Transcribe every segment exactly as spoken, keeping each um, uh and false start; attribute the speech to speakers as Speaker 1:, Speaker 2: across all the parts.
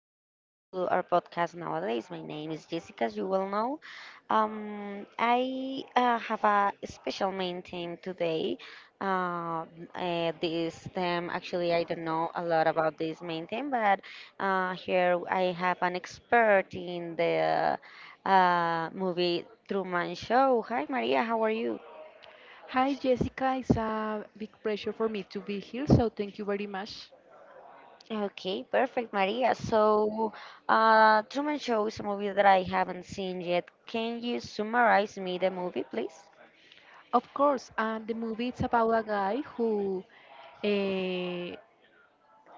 Speaker 1: more time to our podcast nowadays. My name is Jessica, as you well know. Um, I uh, have a special main theme today. Uh, uh, this theme, actually, I don't know a lot about this main theme, but uh, here I have an expert in the uh, movie Truman Show. Hi, Maria. How are you?
Speaker 2: Hi, Jessica. It's a big pleasure for me to be here, so thank you very much.
Speaker 1: Okay, perfect, Maria. So, uh, Truman Show is a movie that I haven't seen yet. Can you summarize me the movie, please?
Speaker 2: Of course, and the movie it's about a guy who uh,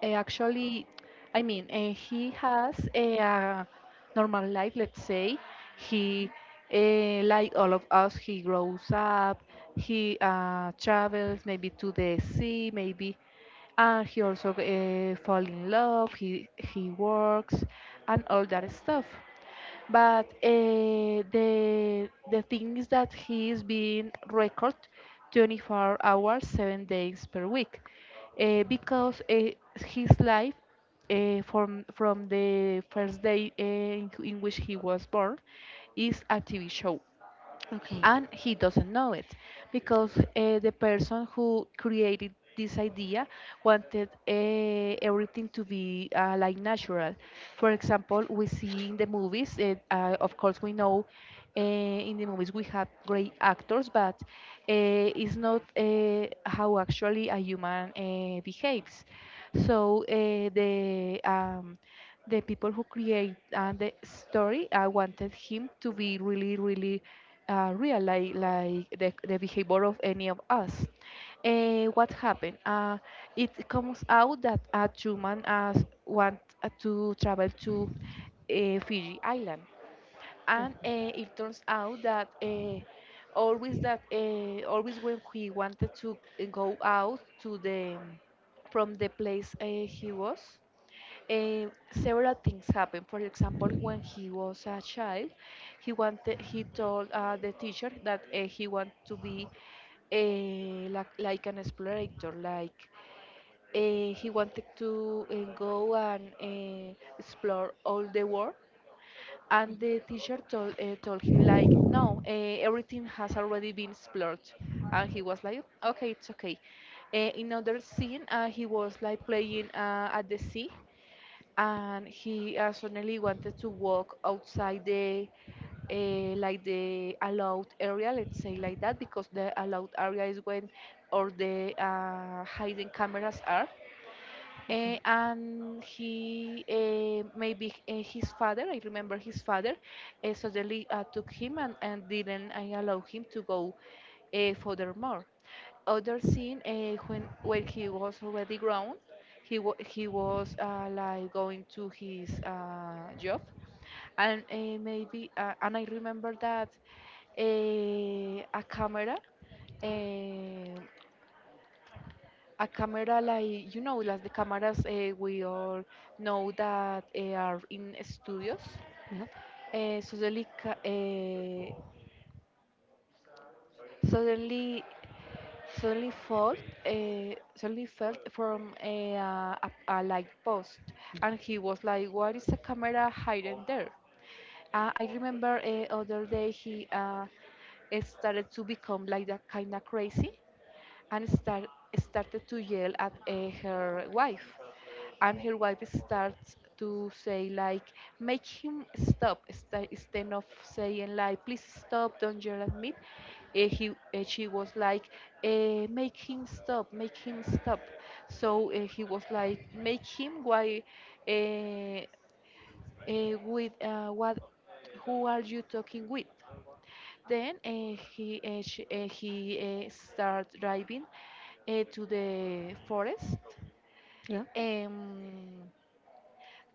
Speaker 2: actually, I mean, uh, he has eh, a, uh normal life, let's say. He, uh, like all of us, he grows up, he uh, travels maybe to the sea, maybe, and he also uh, fall in love, he he works, and all that stuff. But uh, the the thing is that he is being recorded twenty-four hours, seven days per week, uh, because uh, his life, uh, from from the first day uh, in in which he was born, is a T V show,
Speaker 1: Okay.
Speaker 2: and he doesn't know it, because uh, the person who created this idea wanted uh, everything to be uh, like natural. For example, we see in the movies, uh, uh, of course, we know uh, in the movies we have great actors, but uh, it's not uh, how actually a human uh, behaves. So uh, the um, the people who create uh, the story, I wanted him to be really, really uh, real, like, like the, the behavior of any of us. Uh, what happened? Uh, it comes out that a human as want uh, to travel to uh, Fiji Island,
Speaker 1: Mm,
Speaker 2: and uh, it turns out that uh, always that uh, always when he wanted to uh, go out to the from the place uh, he was, um, several things happened. For example, when he was a child, he wanted, he told uh, the teacher that uh, he wanted to be uh, like, like an explorator, like uh, he wanted to uh, go and uh, explore all the world. And the teacher told uh, told him like, no, uh, everything has already been explored. And he was like, okay, it's okay. Uh, in another scene, uh, he was like playing uh, at the sea, and he uh, suddenly wanted to walk outside the, uh, like, the allowed area, let's say like that, because the allowed area is when all the uh, hidden cameras are. Eh, and he, uh, maybe uh, his father, I remember, his father uh, suddenly uh, took him, and, and didn't uh, allow him to go uh, furthermore. Other scene, uh, when when he was already grown, he wa he was uh, like going to his uh, job, and uh, maybe uh, and I remember that, uh, a camera uh, a camera, like, you know, like the cameras uh, we all know that uh, are in studios.
Speaker 1: yeah.
Speaker 2: uh, suddenly ca- uh, suddenly suddenly felt uh, suddenly felt from eh, a, uh, a, a light post, and he was like, what is a camera hiding there? Uh, i remember uh, other day he uh, started to become like that kind of crazy, and start, started to yell at uh, her wife, and her wife starts to say like, make him stop, sta- instead of saying, like, please stop, don't yell at me. Eh, he, eh, she was like, eh, make him stop, make him stop. So eh, he was like, make him, why, eh, eh, with uh, what, who are you talking with? Then uh, he uh, she, uh, he uh, start driving uh, to the forest.
Speaker 1: Yeah.
Speaker 2: Um,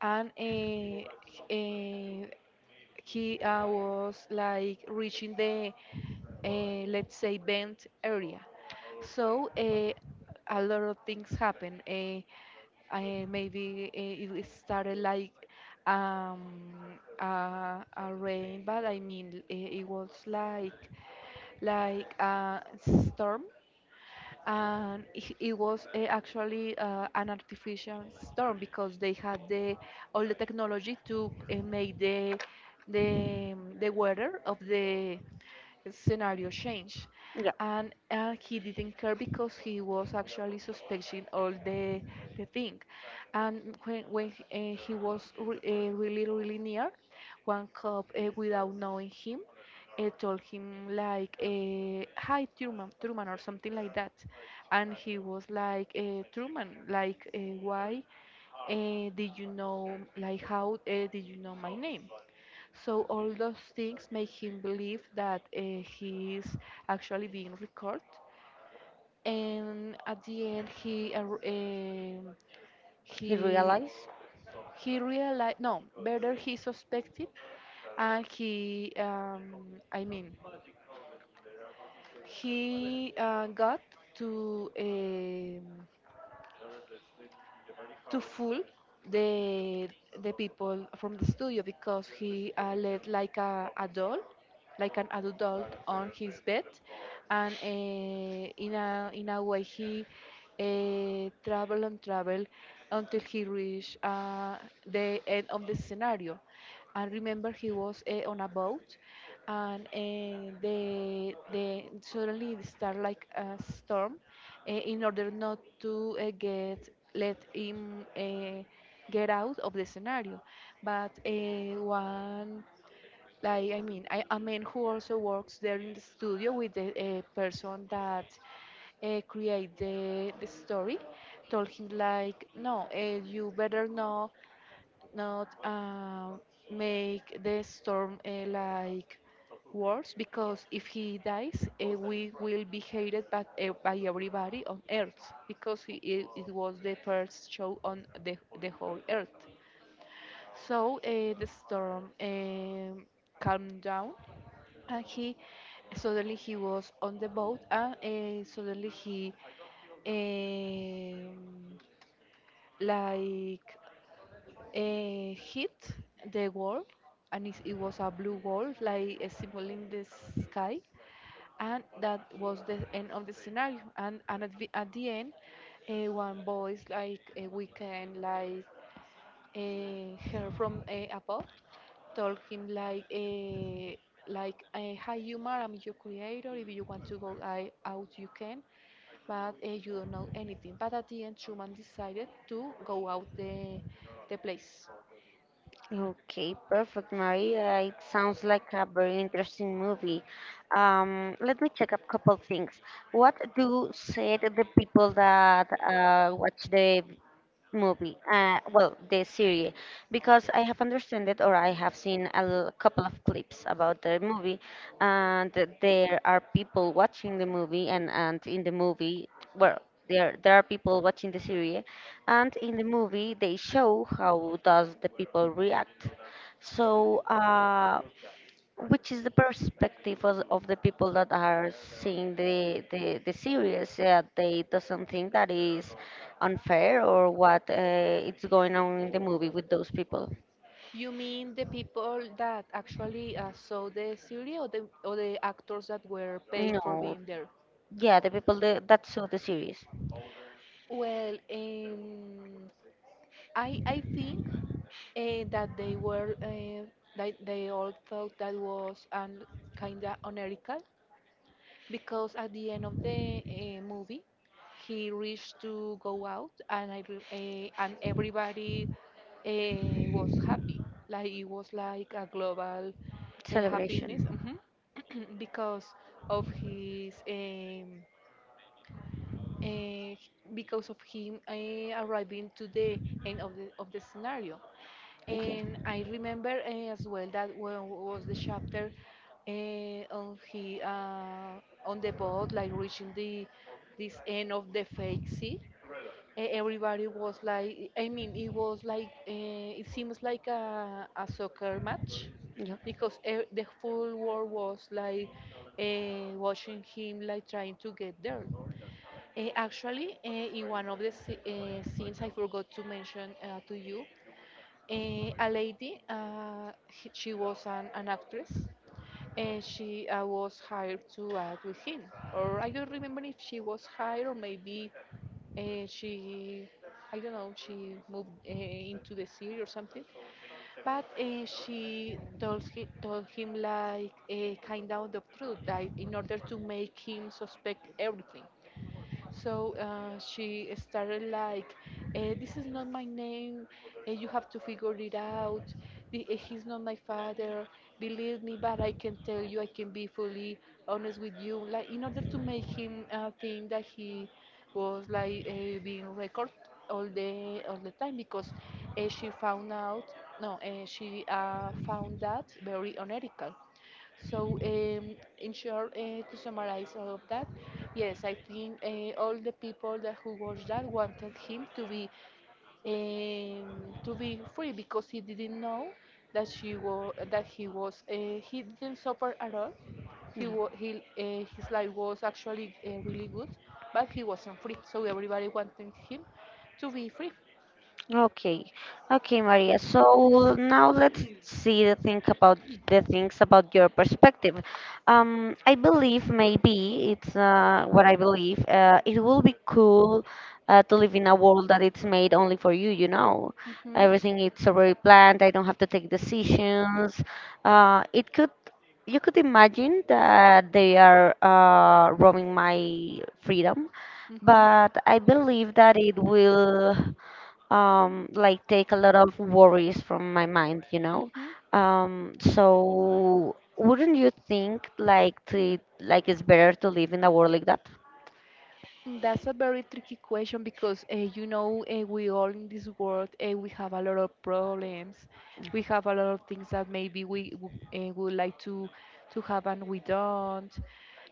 Speaker 2: and uh, uh, he uh, was like reaching the, uh, let's say, bent area. So uh, a lot of things happen. Uh, uh, maybe uh, It started like, um, uh, a rain, but I mean, uh, it was like like a storm. And it it was, uh, actually, uh, an artificial storm, because they had the all the technology to uh, make the the the weather of the scenario change.
Speaker 1: Yeah,
Speaker 2: And uh, he didn't care, because he was actually suspecting all the the thing. And when, when he, eh, he was re- eh, really, really near, one cop uh, without knowing him uh, told him like, uh, hi Truman, Truman, or something like that. And he was like, uh, Truman, like, uh, why uh, did you know like how uh, did you know my name? So all those things make him believe that uh, he is actually being recorded. And at the end he ar- um
Speaker 1: he
Speaker 2: he
Speaker 1: realized.
Speaker 2: he realized. No, better, he suspected. And he, um, I mean, he uh, got to. um to fool the the people from the studio, because he uh, led like a, a doll, like an adult on his bed. And uh, in a in a way he uh, travel and travel, until he reached uh, the end of the scenario. And remember, he was uh, on a boat, and uh, the the suddenly it start like a storm, uh, in order not to uh, get let him uh, get out of the scenario. But uh, one, like, I mean, I, a man who also works there in the studio with the uh, person that uh, create the, the story, told him like, no, uh, you better not not um, make the storm, uh, like, worse, because if he dies, uh, we will be hated by, e- by everybody on Earth, because he, it, it was the first show on the, the whole Earth. So uh, the storm, um, calmed down. And he suddenly he was on the boat, and uh, suddenly he, um, like uh, hit the wall. And it, it was a blue wall, like a symbol in the sky. And that was the end of the scenario. And, and at, the, at the end, uh, one voice, like uh, we can like uh, hear from uh, above, told him like, uh, like uh, hi, humor, I'm your creator, if you want to go I, out, you can, but uh, you don't know anything. But at the end, Truman decided to go out the the place.
Speaker 1: Okay, perfect, Maria. It sounds like a very interesting movie. Um, let me check a couple things. What do said the people that uh, watch the movie, uh, well, the series, because I have understood or I have seen a l- couple of clips about the movie, and there are people watching the movie, and, and in the movie, well, there there are people watching the series, and in the movie they show how does the people react. So. Uh, which is the perspective of, of the people that are seeing the the, the series uh, they doesn't think that is unfair or what uh, it's going on in the movie with those people.
Speaker 2: You mean the people that actually uh, saw the series, or the, or the actors that were paid
Speaker 1: No.
Speaker 2: for being there?
Speaker 1: Yeah, the people that, that saw the series.
Speaker 2: Well, um, I, I think uh, that they were, uh, that they all thought that was, un, kind of unethical, because at the end of the uh, movie he reached to go out, and I re- uh, and everybody uh, was happy. Like it was like a global, uh,
Speaker 1: Celebration.
Speaker 2: happiness. Mhm. Because of his, um, uh, because of him uh, arriving to the end of the of the scenario.
Speaker 1: Okay.
Speaker 2: And I remember, eh, as well, that when was the chapter, eh, on he uh, on the boat, like reaching the this end of the fake sea. Eh, Everybody was like, I mean, it was like, uh, it seems like a, a soccer match, because e the full world was like uh, watching him, like trying to get there. Eh, actually, eh, in one of the sce- eh, scenes, I forgot to mention uh, to you, eh, a lady. Uh, he- she was an, an actress. And she uh, was hired to act with him, or I don't remember if she was hired, or maybe uh, she, I don't know, she moved uh, into the series or something. But uh, she told, he, told him like a kind of the truth, like, in order to make him suspect everything. So uh, she started like, eh, "This is not my name. eh, you have to figure it out. The, eh, he's not my father. Believe me, but I can tell you, I can be fully honest with you." Like, in order to make him uh, think that he was, like, uh, being recorded all the all the time, because uh, she found out. No, uh, she uh, found that very unethical. So, um, in short, uh, to summarize all of that, yes, I think uh, all the people that who watched that wanted him to be, um, to be free, because he didn't know that she was that he was, uh, he didn't suffer at all.
Speaker 1: Yeah.
Speaker 2: He
Speaker 1: Yeah.
Speaker 2: wa- he uh, His life was actually, uh, really good, but he wasn't free. So everybody wanted him to be free.
Speaker 1: Okay, okay, Maria. So now let's see the thing about the things about your perspective. Um, I believe maybe it's uh, what I believe. Uh, it will be cool uh, to live in a world that it's made only for you. You know,
Speaker 2: Mhm.
Speaker 1: everything it's already planned. I don't have to take decisions. Uh, it could you could imagine that they are uh, robbing my freedom,
Speaker 2: Mhm.
Speaker 1: but I believe that it will um, like take a lot of worries from my mind, you know.
Speaker 2: Mhm.
Speaker 1: Um, so wouldn't you think like to like it's better to live in a world like that?
Speaker 2: Mm, that's a very tricky question, because, uh, you know, uh, we all in this world, uh, we have a lot of problems. We have a lot of things that maybe we w- uh, would like to to have, and we don't.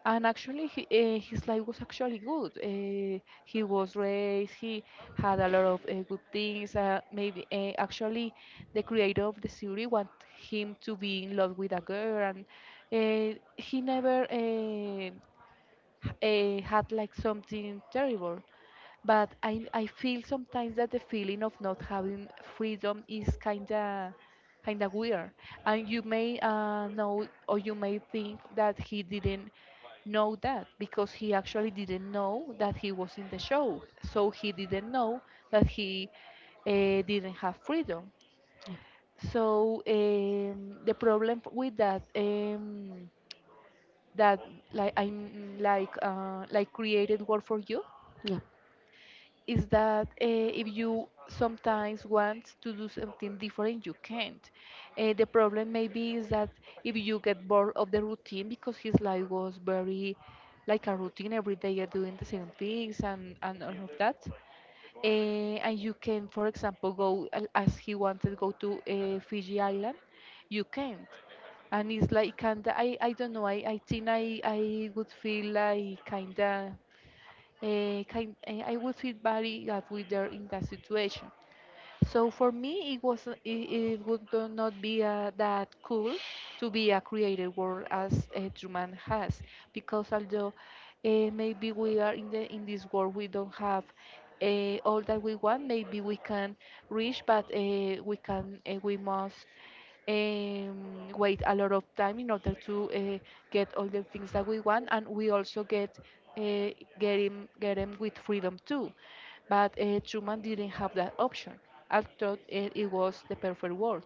Speaker 2: And actually, he, uh, his life was actually good. Uh, he was raised. He had a lot of uh, good things. Uh, maybe uh, Actually, the creator of the series want him to be in love with a girl, and uh, he never. Uh, uh, had like something terrible. But I I feel sometimes that the feeling of not having freedom is, kinda kinda weird. And you may uh, know, or you may think, that he didn't know that, because he actually didn't know that he was in the show. So he didn't know that he uh, didn't have freedom. So, um, the problem with that. Um, that like I'm like uh, like created work for you
Speaker 1: Yeah.
Speaker 2: is that uh, if you sometimes want to do something different, you can't. Uh, the problem maybe is that if you get bored of the routine because his life was very like a routine every day uh, doing the same things and and all of that. Eh, and you can, for example, go a- as he wanted go to uh, Fiji Island, you can't. And it's like kinda, I, I don't know, I, I think I, I would feel like kinda, uh, kind, eh, I would feel very bad with her in that situation. So for me, it was it, it would do- not be uh, that cool to be a created world as a human has, because although uh, maybe we are in the in this world, we don't have uh, all that we want. Maybe we can reach, but uh, we can uh, we must um, wait a lot of time in order to uh, get all the things that we want, and we also get uh, get him get him with freedom too. But uh, Truman didn't have that option. I thought it, it was the perfect world.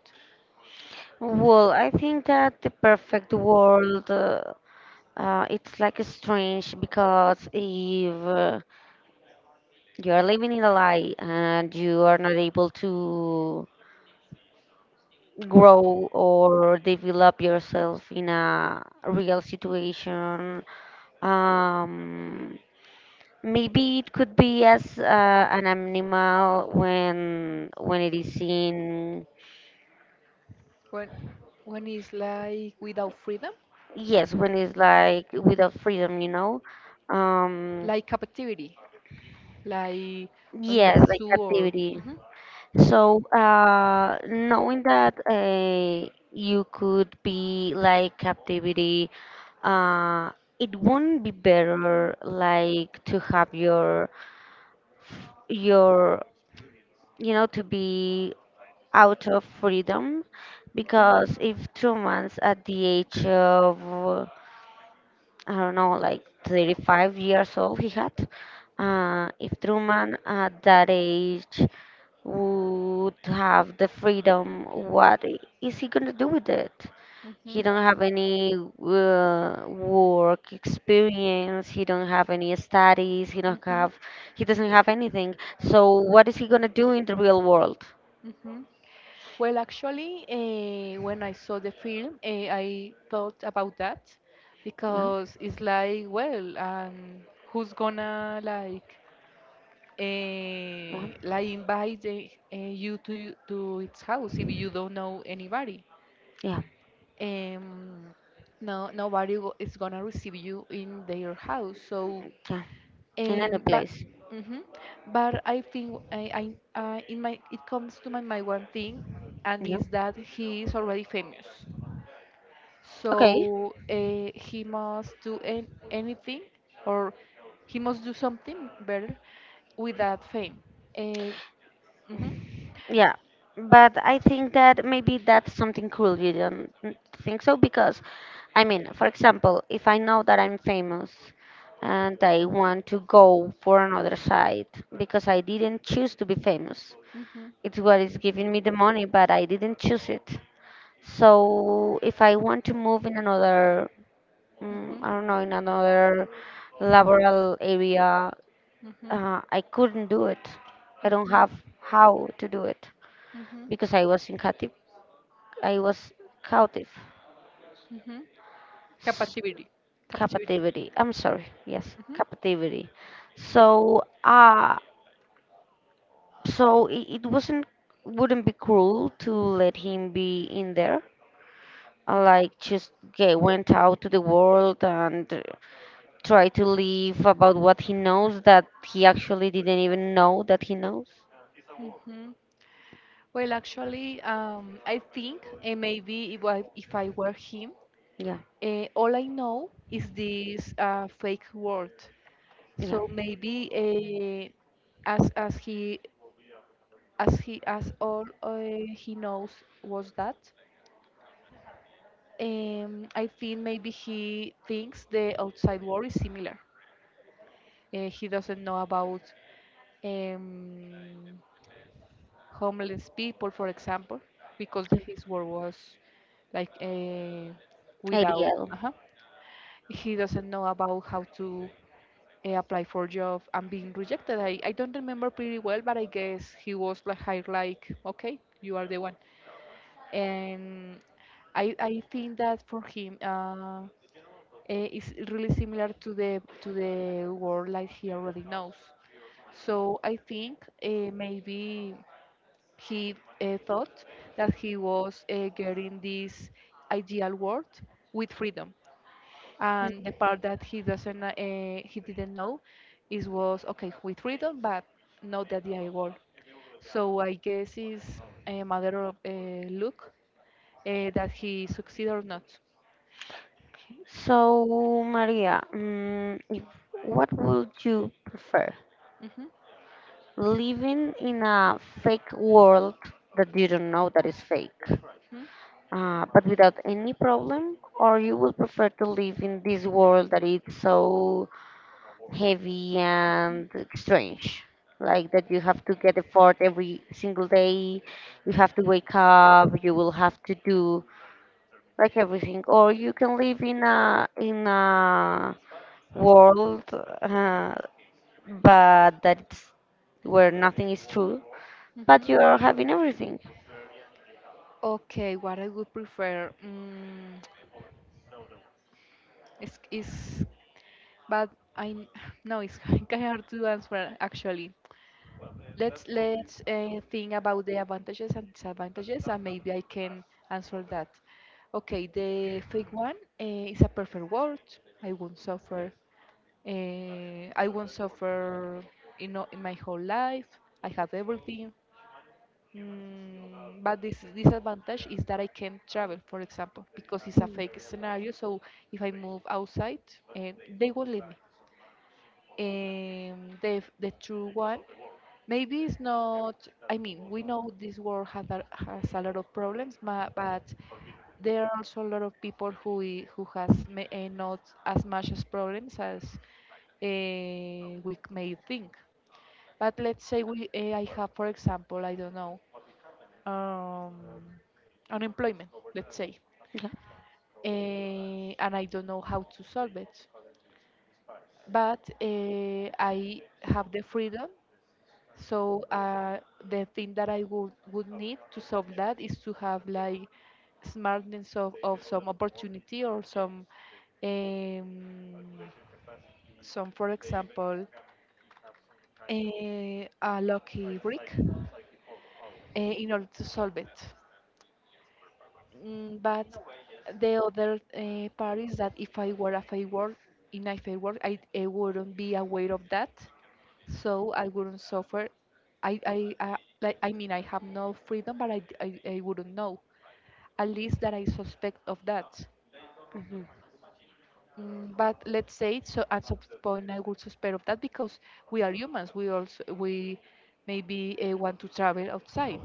Speaker 1: Well, I think that the perfect world uh, uh, it's like strange because if uh, you are living in a lie and you are not able to grow or develop yourself in a real situation, um, maybe it could be as uh, an animal when when it is in.
Speaker 2: When when it's like without freedom?
Speaker 1: Yes, when it's like without freedom, you know. Um,
Speaker 2: Like captivity, like in a
Speaker 1: yes, like
Speaker 2: zoo or.
Speaker 1: captivity.
Speaker 2: Mhm.
Speaker 1: So uh knowing that uh, you could be like captivity, uh it wouldn't be better like to have your your you know, to be out of freedom, because if Truman's at the age of uh, I don't know, like thirty-five years old he had, uh, if Truman at that age would have the freedom, what I- is he gonna do with it?
Speaker 2: Hmm,
Speaker 1: He
Speaker 2: hmm.
Speaker 1: don't have any uh, work experience, he don't have any studies, he don't
Speaker 2: Hmm,
Speaker 1: have, he doesn't have anything, so what is he gonna do in the real world?
Speaker 2: hmm. Well, actually, eh, when I saw the film, eh, I thought about that
Speaker 1: Yeah.
Speaker 2: because it's like, well, um, who's gonna like
Speaker 1: Yeah.
Speaker 2: eh, like invite the, eh, you to to its house if you don't know anybody.
Speaker 1: Yeah.
Speaker 2: Um, no, nobody go- is gonna receive you in their house. So,
Speaker 1: Yeah, in any
Speaker 2: um, but
Speaker 1: place.
Speaker 2: hmm, but I think I, I uh, in my, it comes to my mind one thing, and
Speaker 1: Yeah.
Speaker 2: is that he is already famous.
Speaker 1: Okay.
Speaker 2: So uh, he must do an anything or he must do something better with that fame. Uh,
Speaker 1: Yeah. But I think that maybe that's something cool. You don't think so? Because, I mean, for example, if I know that I'm famous and I want to go for another site because I didn't choose to be famous,
Speaker 2: Mhm,
Speaker 1: it's what is giving me the money, but I didn't choose it. So if I want to move in another, mm,
Speaker 2: mhm,
Speaker 1: I don't know, in another laboral area,
Speaker 2: mhm,
Speaker 1: uh, I couldn't do it. I don't
Speaker 2: mhm,
Speaker 1: have how to do it
Speaker 2: mhm,
Speaker 1: because I was in captive. I was captive.
Speaker 2: mhm.
Speaker 1: S-
Speaker 2: Captivity. Captivity.
Speaker 1: Captivity. I'm sorry. Yes,
Speaker 2: Mhm,
Speaker 1: captivity. So, uh, so it, it wasn't wouldn't be cruel to let him be in there. Uh, Like just get, went out to the world and uh, try to live about what he knows that he actually didn't even know that he knows.
Speaker 2: mhm. Well, actually, um, I think eh, maybe if I, if I were him,
Speaker 1: Yeah,
Speaker 2: uh, all I know is this uh, fake world.
Speaker 1: yeah.
Speaker 2: So maybe uh, as as he as he as all uh, he knows was that. Um, I think maybe he thinks the outside world is similar. Uh, he doesn't know about um, homeless people, for example, because
Speaker 1: Yeah.
Speaker 2: his work was like uh, without.
Speaker 1: Ideal.
Speaker 2: Uh He doesn't know about how to uh, apply for job and being rejected. I, I don't remember pretty well, but I guess he was like hired like, okay, you are the one. And I I think that for him uh, eh, it's really similar to the to the world like he already knows. So I think uh, maybe he uh, thought that he was uh, getting this ideal world with freedom. And the part that he doesn't, uh, he didn't know, is was okay with freedom, but not the ideal world. So I guess it's a matter of uh, look uh, that he succeed or not.
Speaker 1: So, Maria, mm, if, what would you prefer?
Speaker 2: Mhm,
Speaker 1: Living in a fake world that you don't know that is fake,
Speaker 2: mhm,
Speaker 1: uh, but without any problem, or you would prefer to live in this world that is so heavy and strange, like that you have to get effort every single day, you have to wake up, you will have to do like everything, or you can live in a in a world, uh, but that's where nothing is true but
Speaker 2: mhm.
Speaker 1: you are having everything.
Speaker 2: Okay, what I would prefer mm, is, is, but I n- no, it's kind of hard to answer actually. Let's let's uh, think about the advantages and disadvantages, and maybe I can answer that. Okay, the fake one uh, is a perfect world. I won't suffer. Uh, I won't suffer. You know, in my whole life, I have everything. Mm, but this disadvantage is that I can't travel, for example, because it's a fake scenario. So if I move outside, eh, they won't let me. Um, the the true one, maybe it's not, I mean, we know this world has a, has a lot of problems, ma- but there are also a lot of people who i- who has ma- eh, not as much as problems as uh, we c- may think. But let's say we, uh, I have, for example, I don't know, um, unemployment, let's say,
Speaker 1: Yeah.
Speaker 2: eh, and I don't know how to solve it. But uh, I have the freedom. So uh, the thing that I would would need to solve that is to have like smartness of, of some opportunity or some um, some, for example, a, a lucky brick uh, in order to solve it. Mm, but the other uh, part is that if I were a fair work in a fair work, I, I wouldn't be aware of that, so I wouldn't suffer. I I, I like I mean I have no freedom, but I, I I wouldn't know at least that I suspect of that.
Speaker 1: Hmm.
Speaker 2: Mm, but let's say so at some point I would suspect of that because we are humans. We also we maybe uh, want to travel outside.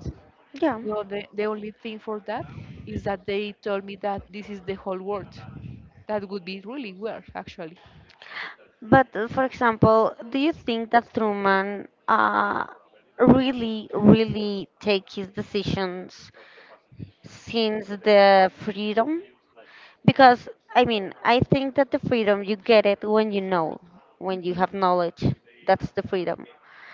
Speaker 1: Yeah,
Speaker 2: No, the, the only thing for that is that they told me that this is the whole world. That would be really weird, actually.
Speaker 1: but uh, for example, do you think that Truman uh, really really take his decisions since the freedom? Because I mean, I think that the freedom you get it when you know, when you
Speaker 2: Hmm,
Speaker 1: have knowledge, that's the freedom.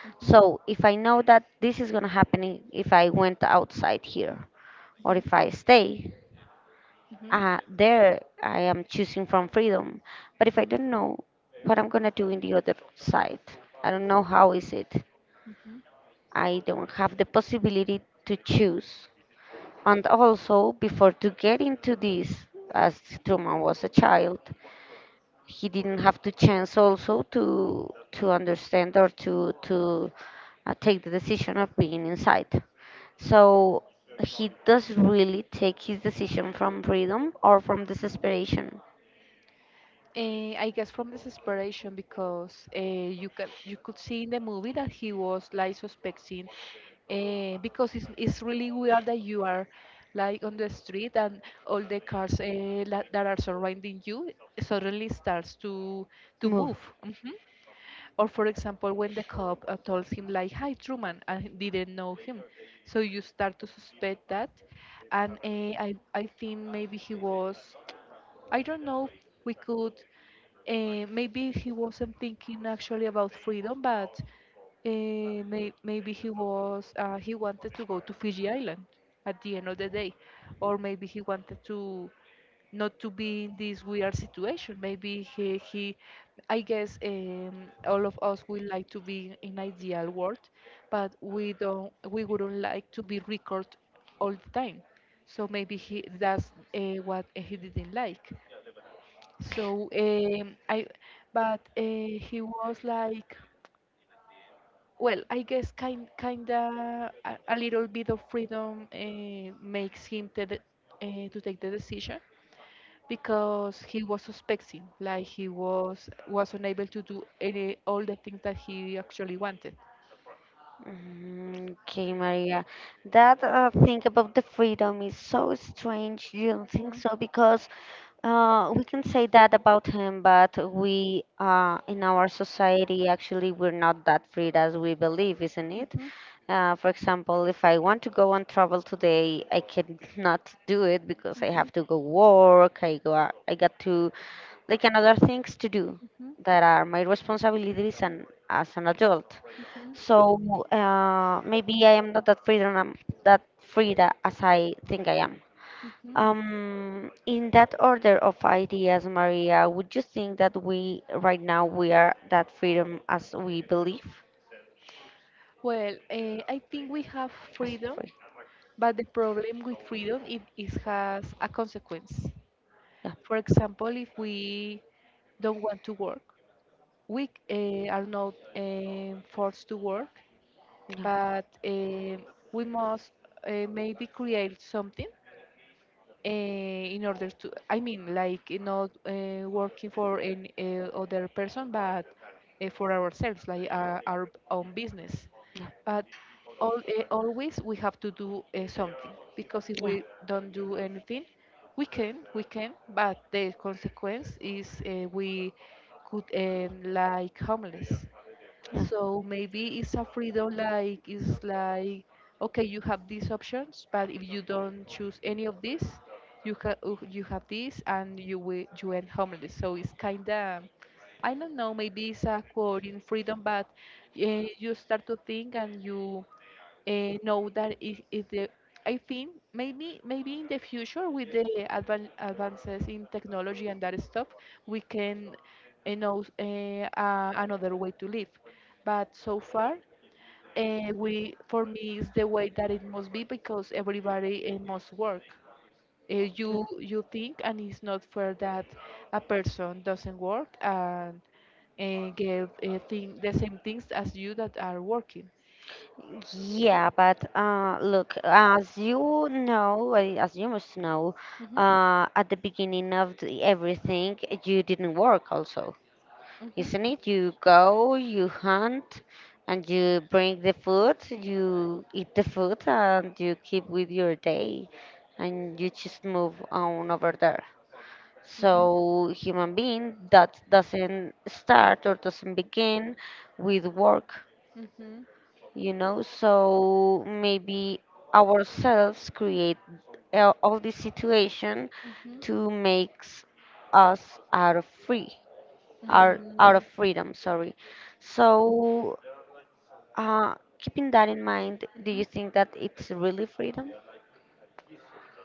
Speaker 2: hmm,
Speaker 1: So if I know that this is gonna happen if I went outside here or if I stay,
Speaker 2: hmm,
Speaker 1: uh, there I am choosing from freedom. But if I
Speaker 2: hmm,
Speaker 1: don't know what I'm gonna do in the other side, I don't know how is it.
Speaker 2: hmm.
Speaker 1: I don't have the possibility to choose. And also, before to get into this, as Truman was a child, he didn't have the chance also to to understand or to to uh, take the decision of being inside. So he does really take his decision from freedom or from desperation.
Speaker 2: Eh, I guess from desperation because uh, you can you could see in the movie that he was like suspecting uh, because it's, it's really weird that you are like on the street and all the cars uh, that are surrounding you suddenly starts to to
Speaker 1: Move.
Speaker 2: move. Mm-hmm. Or for example, when the cop uh, tells him like, "Hi, Truman," and he didn't know him, so you start to suspect that, and uh, I I think maybe he was, I don't know. We could. Uh, maybe he wasn't thinking actually about freedom, but uh, may maybe he was uh, he wanted to go to Fiji Island at the end of the day, or maybe he wanted to not to be in this weird situation. Maybe he, he I guess um, all of us would like to be in ideal world, but we don't we wouldn't like to be recorded all the time. So maybe he that's uh, what he didn't like. So um, I, but uh, he was like, well, I guess kind kinda a, a little bit of freedom uh, makes him to the, uh, to take the decision because he was suspecting, like he was was unable to do any all the things that he actually wanted.
Speaker 1: Mm, okay, Maria. That uh, thing about the freedom is so strange. You don't think
Speaker 2: Mhm,
Speaker 1: so? Because uh, we can say that about him, but we uh, in our society actually we're not that free as we believe, isn't it?
Speaker 2: mhm,
Speaker 1: Uh, for example, if I want to go on travel today, I cannot do it because I
Speaker 2: mhm,
Speaker 1: have to go work. I go. I got to like another things to do
Speaker 2: mhm,
Speaker 1: that are my responsibilities and as an adult.
Speaker 2: mhm,
Speaker 1: So uh, maybe I am not that freedom um, that free tha- as I think I am.
Speaker 2: mhm.
Speaker 1: Um, in that order of ideas, Maria, would you think that we right now we are that freedom as we believe?
Speaker 2: Well, uh, I think we have
Speaker 1: As
Speaker 2: freedom,
Speaker 1: free.
Speaker 2: but the problem with freedom it, it has a consequence.
Speaker 1: Yeah,
Speaker 2: For example, if we don't want to work, we uh, are not um forced to work,
Speaker 1: yeah,
Speaker 2: but um we must uh, maybe create something uh, in order to I mean like eh, not uh, working for any uh, other person but uh, for ourselves like our, our own business,
Speaker 1: yeah,
Speaker 2: but all, uh, always we have to do uh, something because if
Speaker 1: yeah,
Speaker 2: we don't do anything we can we can, but the consequence is uh, we could end like homeless.
Speaker 1: yeah.
Speaker 2: So maybe it's a freedom like it's like okay, you have these options, but if you don't choose any of these, you ha uh, you have this and you will you end homeless. So it's kinda I don't know, maybe it's a quote in freedom, but uh, you start to think and you uh, know that if, if the I think maybe maybe in the future with the advan advances in technology and that stuff, we can uh, know uh, uh, another way to live. But so far, uh, we for me is the way that it must be because everybody uh, must work. Uh, you you think, and it's not fair that a person doesn't work and uh, get uh, thing, the same things as you that are working.
Speaker 1: Yeah, but uh, look, as you know, uh, as you must know,
Speaker 2: Hmm,
Speaker 1: uh, at the beginning of the, everything, you didn't work also,
Speaker 2: hmm,
Speaker 1: isn't it? You go, you hunt, and you bring the food, you eat the food, and you keep with your day, and you just move on over there.
Speaker 2: hmm.
Speaker 1: So, human being that doesn't start or doesn't begin with work,
Speaker 2: Mhm.
Speaker 1: you know. So maybe ourselves create a- all this situation
Speaker 2: Mhm.
Speaker 1: to makes us out of free, out,
Speaker 2: Mm,
Speaker 1: out of
Speaker 2: mhm.
Speaker 1: freedom, sorry. So uh, keeping that in mind, do you think that it's really freedom?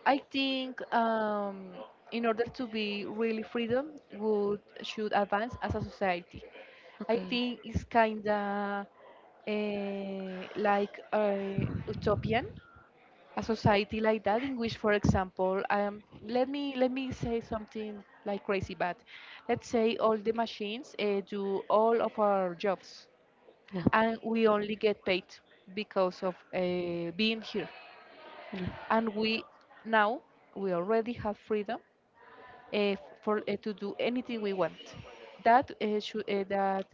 Speaker 2: I think um, in order to be really freedom, would should advance as a society. I
Speaker 1: Okay.
Speaker 2: think it's kinda uh, like uh, utopian, a society like that in which, for example, um, let me let me say something like crazy, but let's say all the machines uh, do all of our jobs.
Speaker 1: Yeah.
Speaker 2: And we only get paid because of uh, being here. And we now we already have freedom uh, for uh, to do anything we want. That uh, should uh, that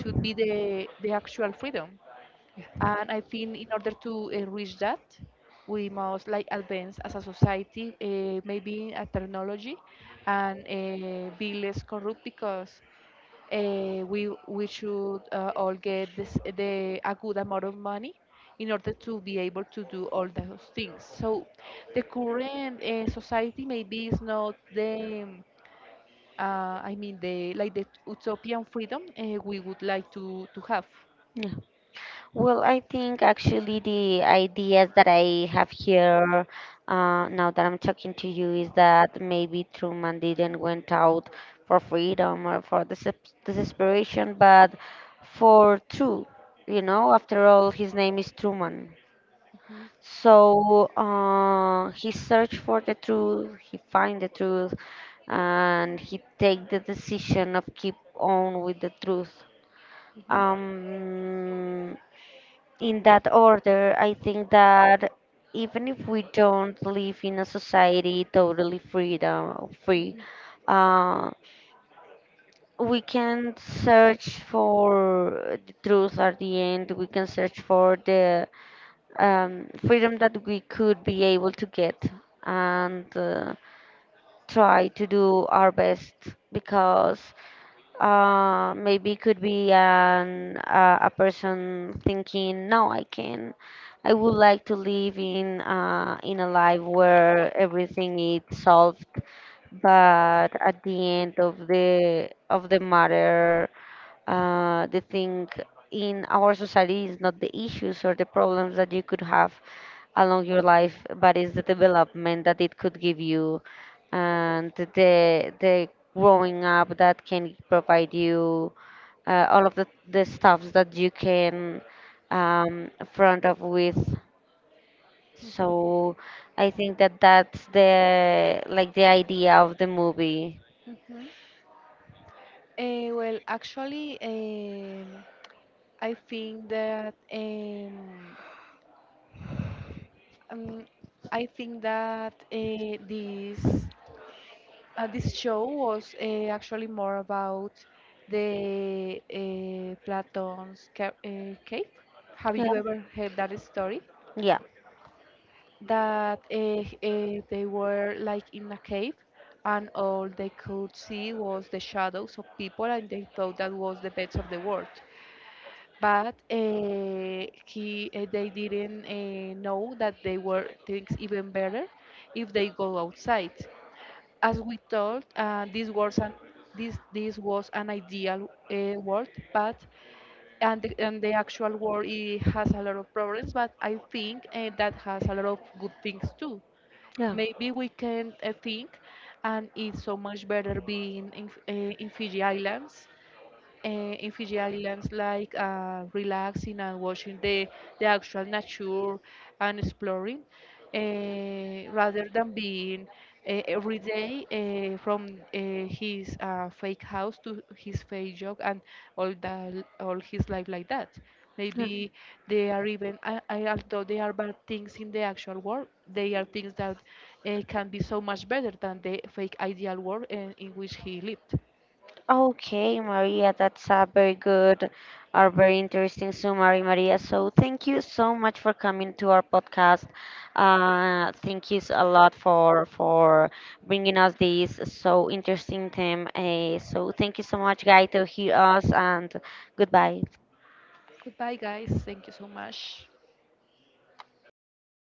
Speaker 2: should be the the actual freedom. And I think in order to uh, reach that, we must like advance as a society, uh, maybe in a technology, and uh, be less corrupt because uh, we we should uh, all get this, the a good amount of money in order to be able to do all those things. So the current uh, society maybe is not the um, uh, I mean the like the utopian freedom uh, we would like to to have.
Speaker 1: Yeah. Well, I think actually the ideas that I have here uh, now that I'm talking to you is that maybe Truman didn't went out for freedom or for desep- desperation, but for truth. You know, after all, his name is Truman.
Speaker 2: Mhm,
Speaker 1: So uh, he searched for the truth, he find the truth, and he take the decision of keep on with the truth. Um, in that order, I think that even if we don't live in a society totally freedom free, uh, we can search for the truth at the end. We can search for the um, freedom that we could be able to get and uh, try to do our best, because uh, maybe could be an uh, a person thinking, no, I can, I would like to live in uh, in a life where everything is solved, but at the end of the of the matter uh, the thing in our society is not the issues or the problems that you could have along your life, but it's the development that it could give you and the the growing up that can provide you uh, all of the, the stuffs that you can um, front up with.
Speaker 2: mhm,
Speaker 1: So I think that that's the like the idea of the movie.
Speaker 2: mhm. Uh, well, actually, um, I think that um, um, I think that uh, this. Uh, this show was uh, actually more about the uh, Platon's ca- uh, cave. Have
Speaker 1: Yeah,
Speaker 2: you ever heard that story?
Speaker 1: yeah.
Speaker 2: That uh, uh, they were like in a cave and all they could see was the shadows of people and they thought that was the best of the world. But uh, he, uh, they didn't uh, know that they were things even better if they go outside. As we told, uh, this was an this this was an ideal uh, world, but and the, and the actual world it has a lot of problems. But I think uh, that has a lot of good things too.
Speaker 1: Yeah.
Speaker 2: Maybe we can uh, think, and it's so much better being in F- uh, in Fiji Islands uh, in Fiji Islands, like uh, relaxing and watching the, the actual nature and exploring, uh, rather than being uh, every day uh, from uh, his uh, fake house to his fake job and all that, all his life like that. Maybe they are even, I, I, although they are bad things in the actual world, they are things that uh, can be so much better than the fake ideal world uh, in which he lived.
Speaker 1: Okay, Maria, that's a very good or very interesting summary, Maria. So thank you so much for coming to our podcast. Uh, thank you s- a lot for for bringing us this so interesting theme. Uh, so thank you so much, guys, to hear us and goodbye.
Speaker 2: Goodbye, guys. Thank you so much.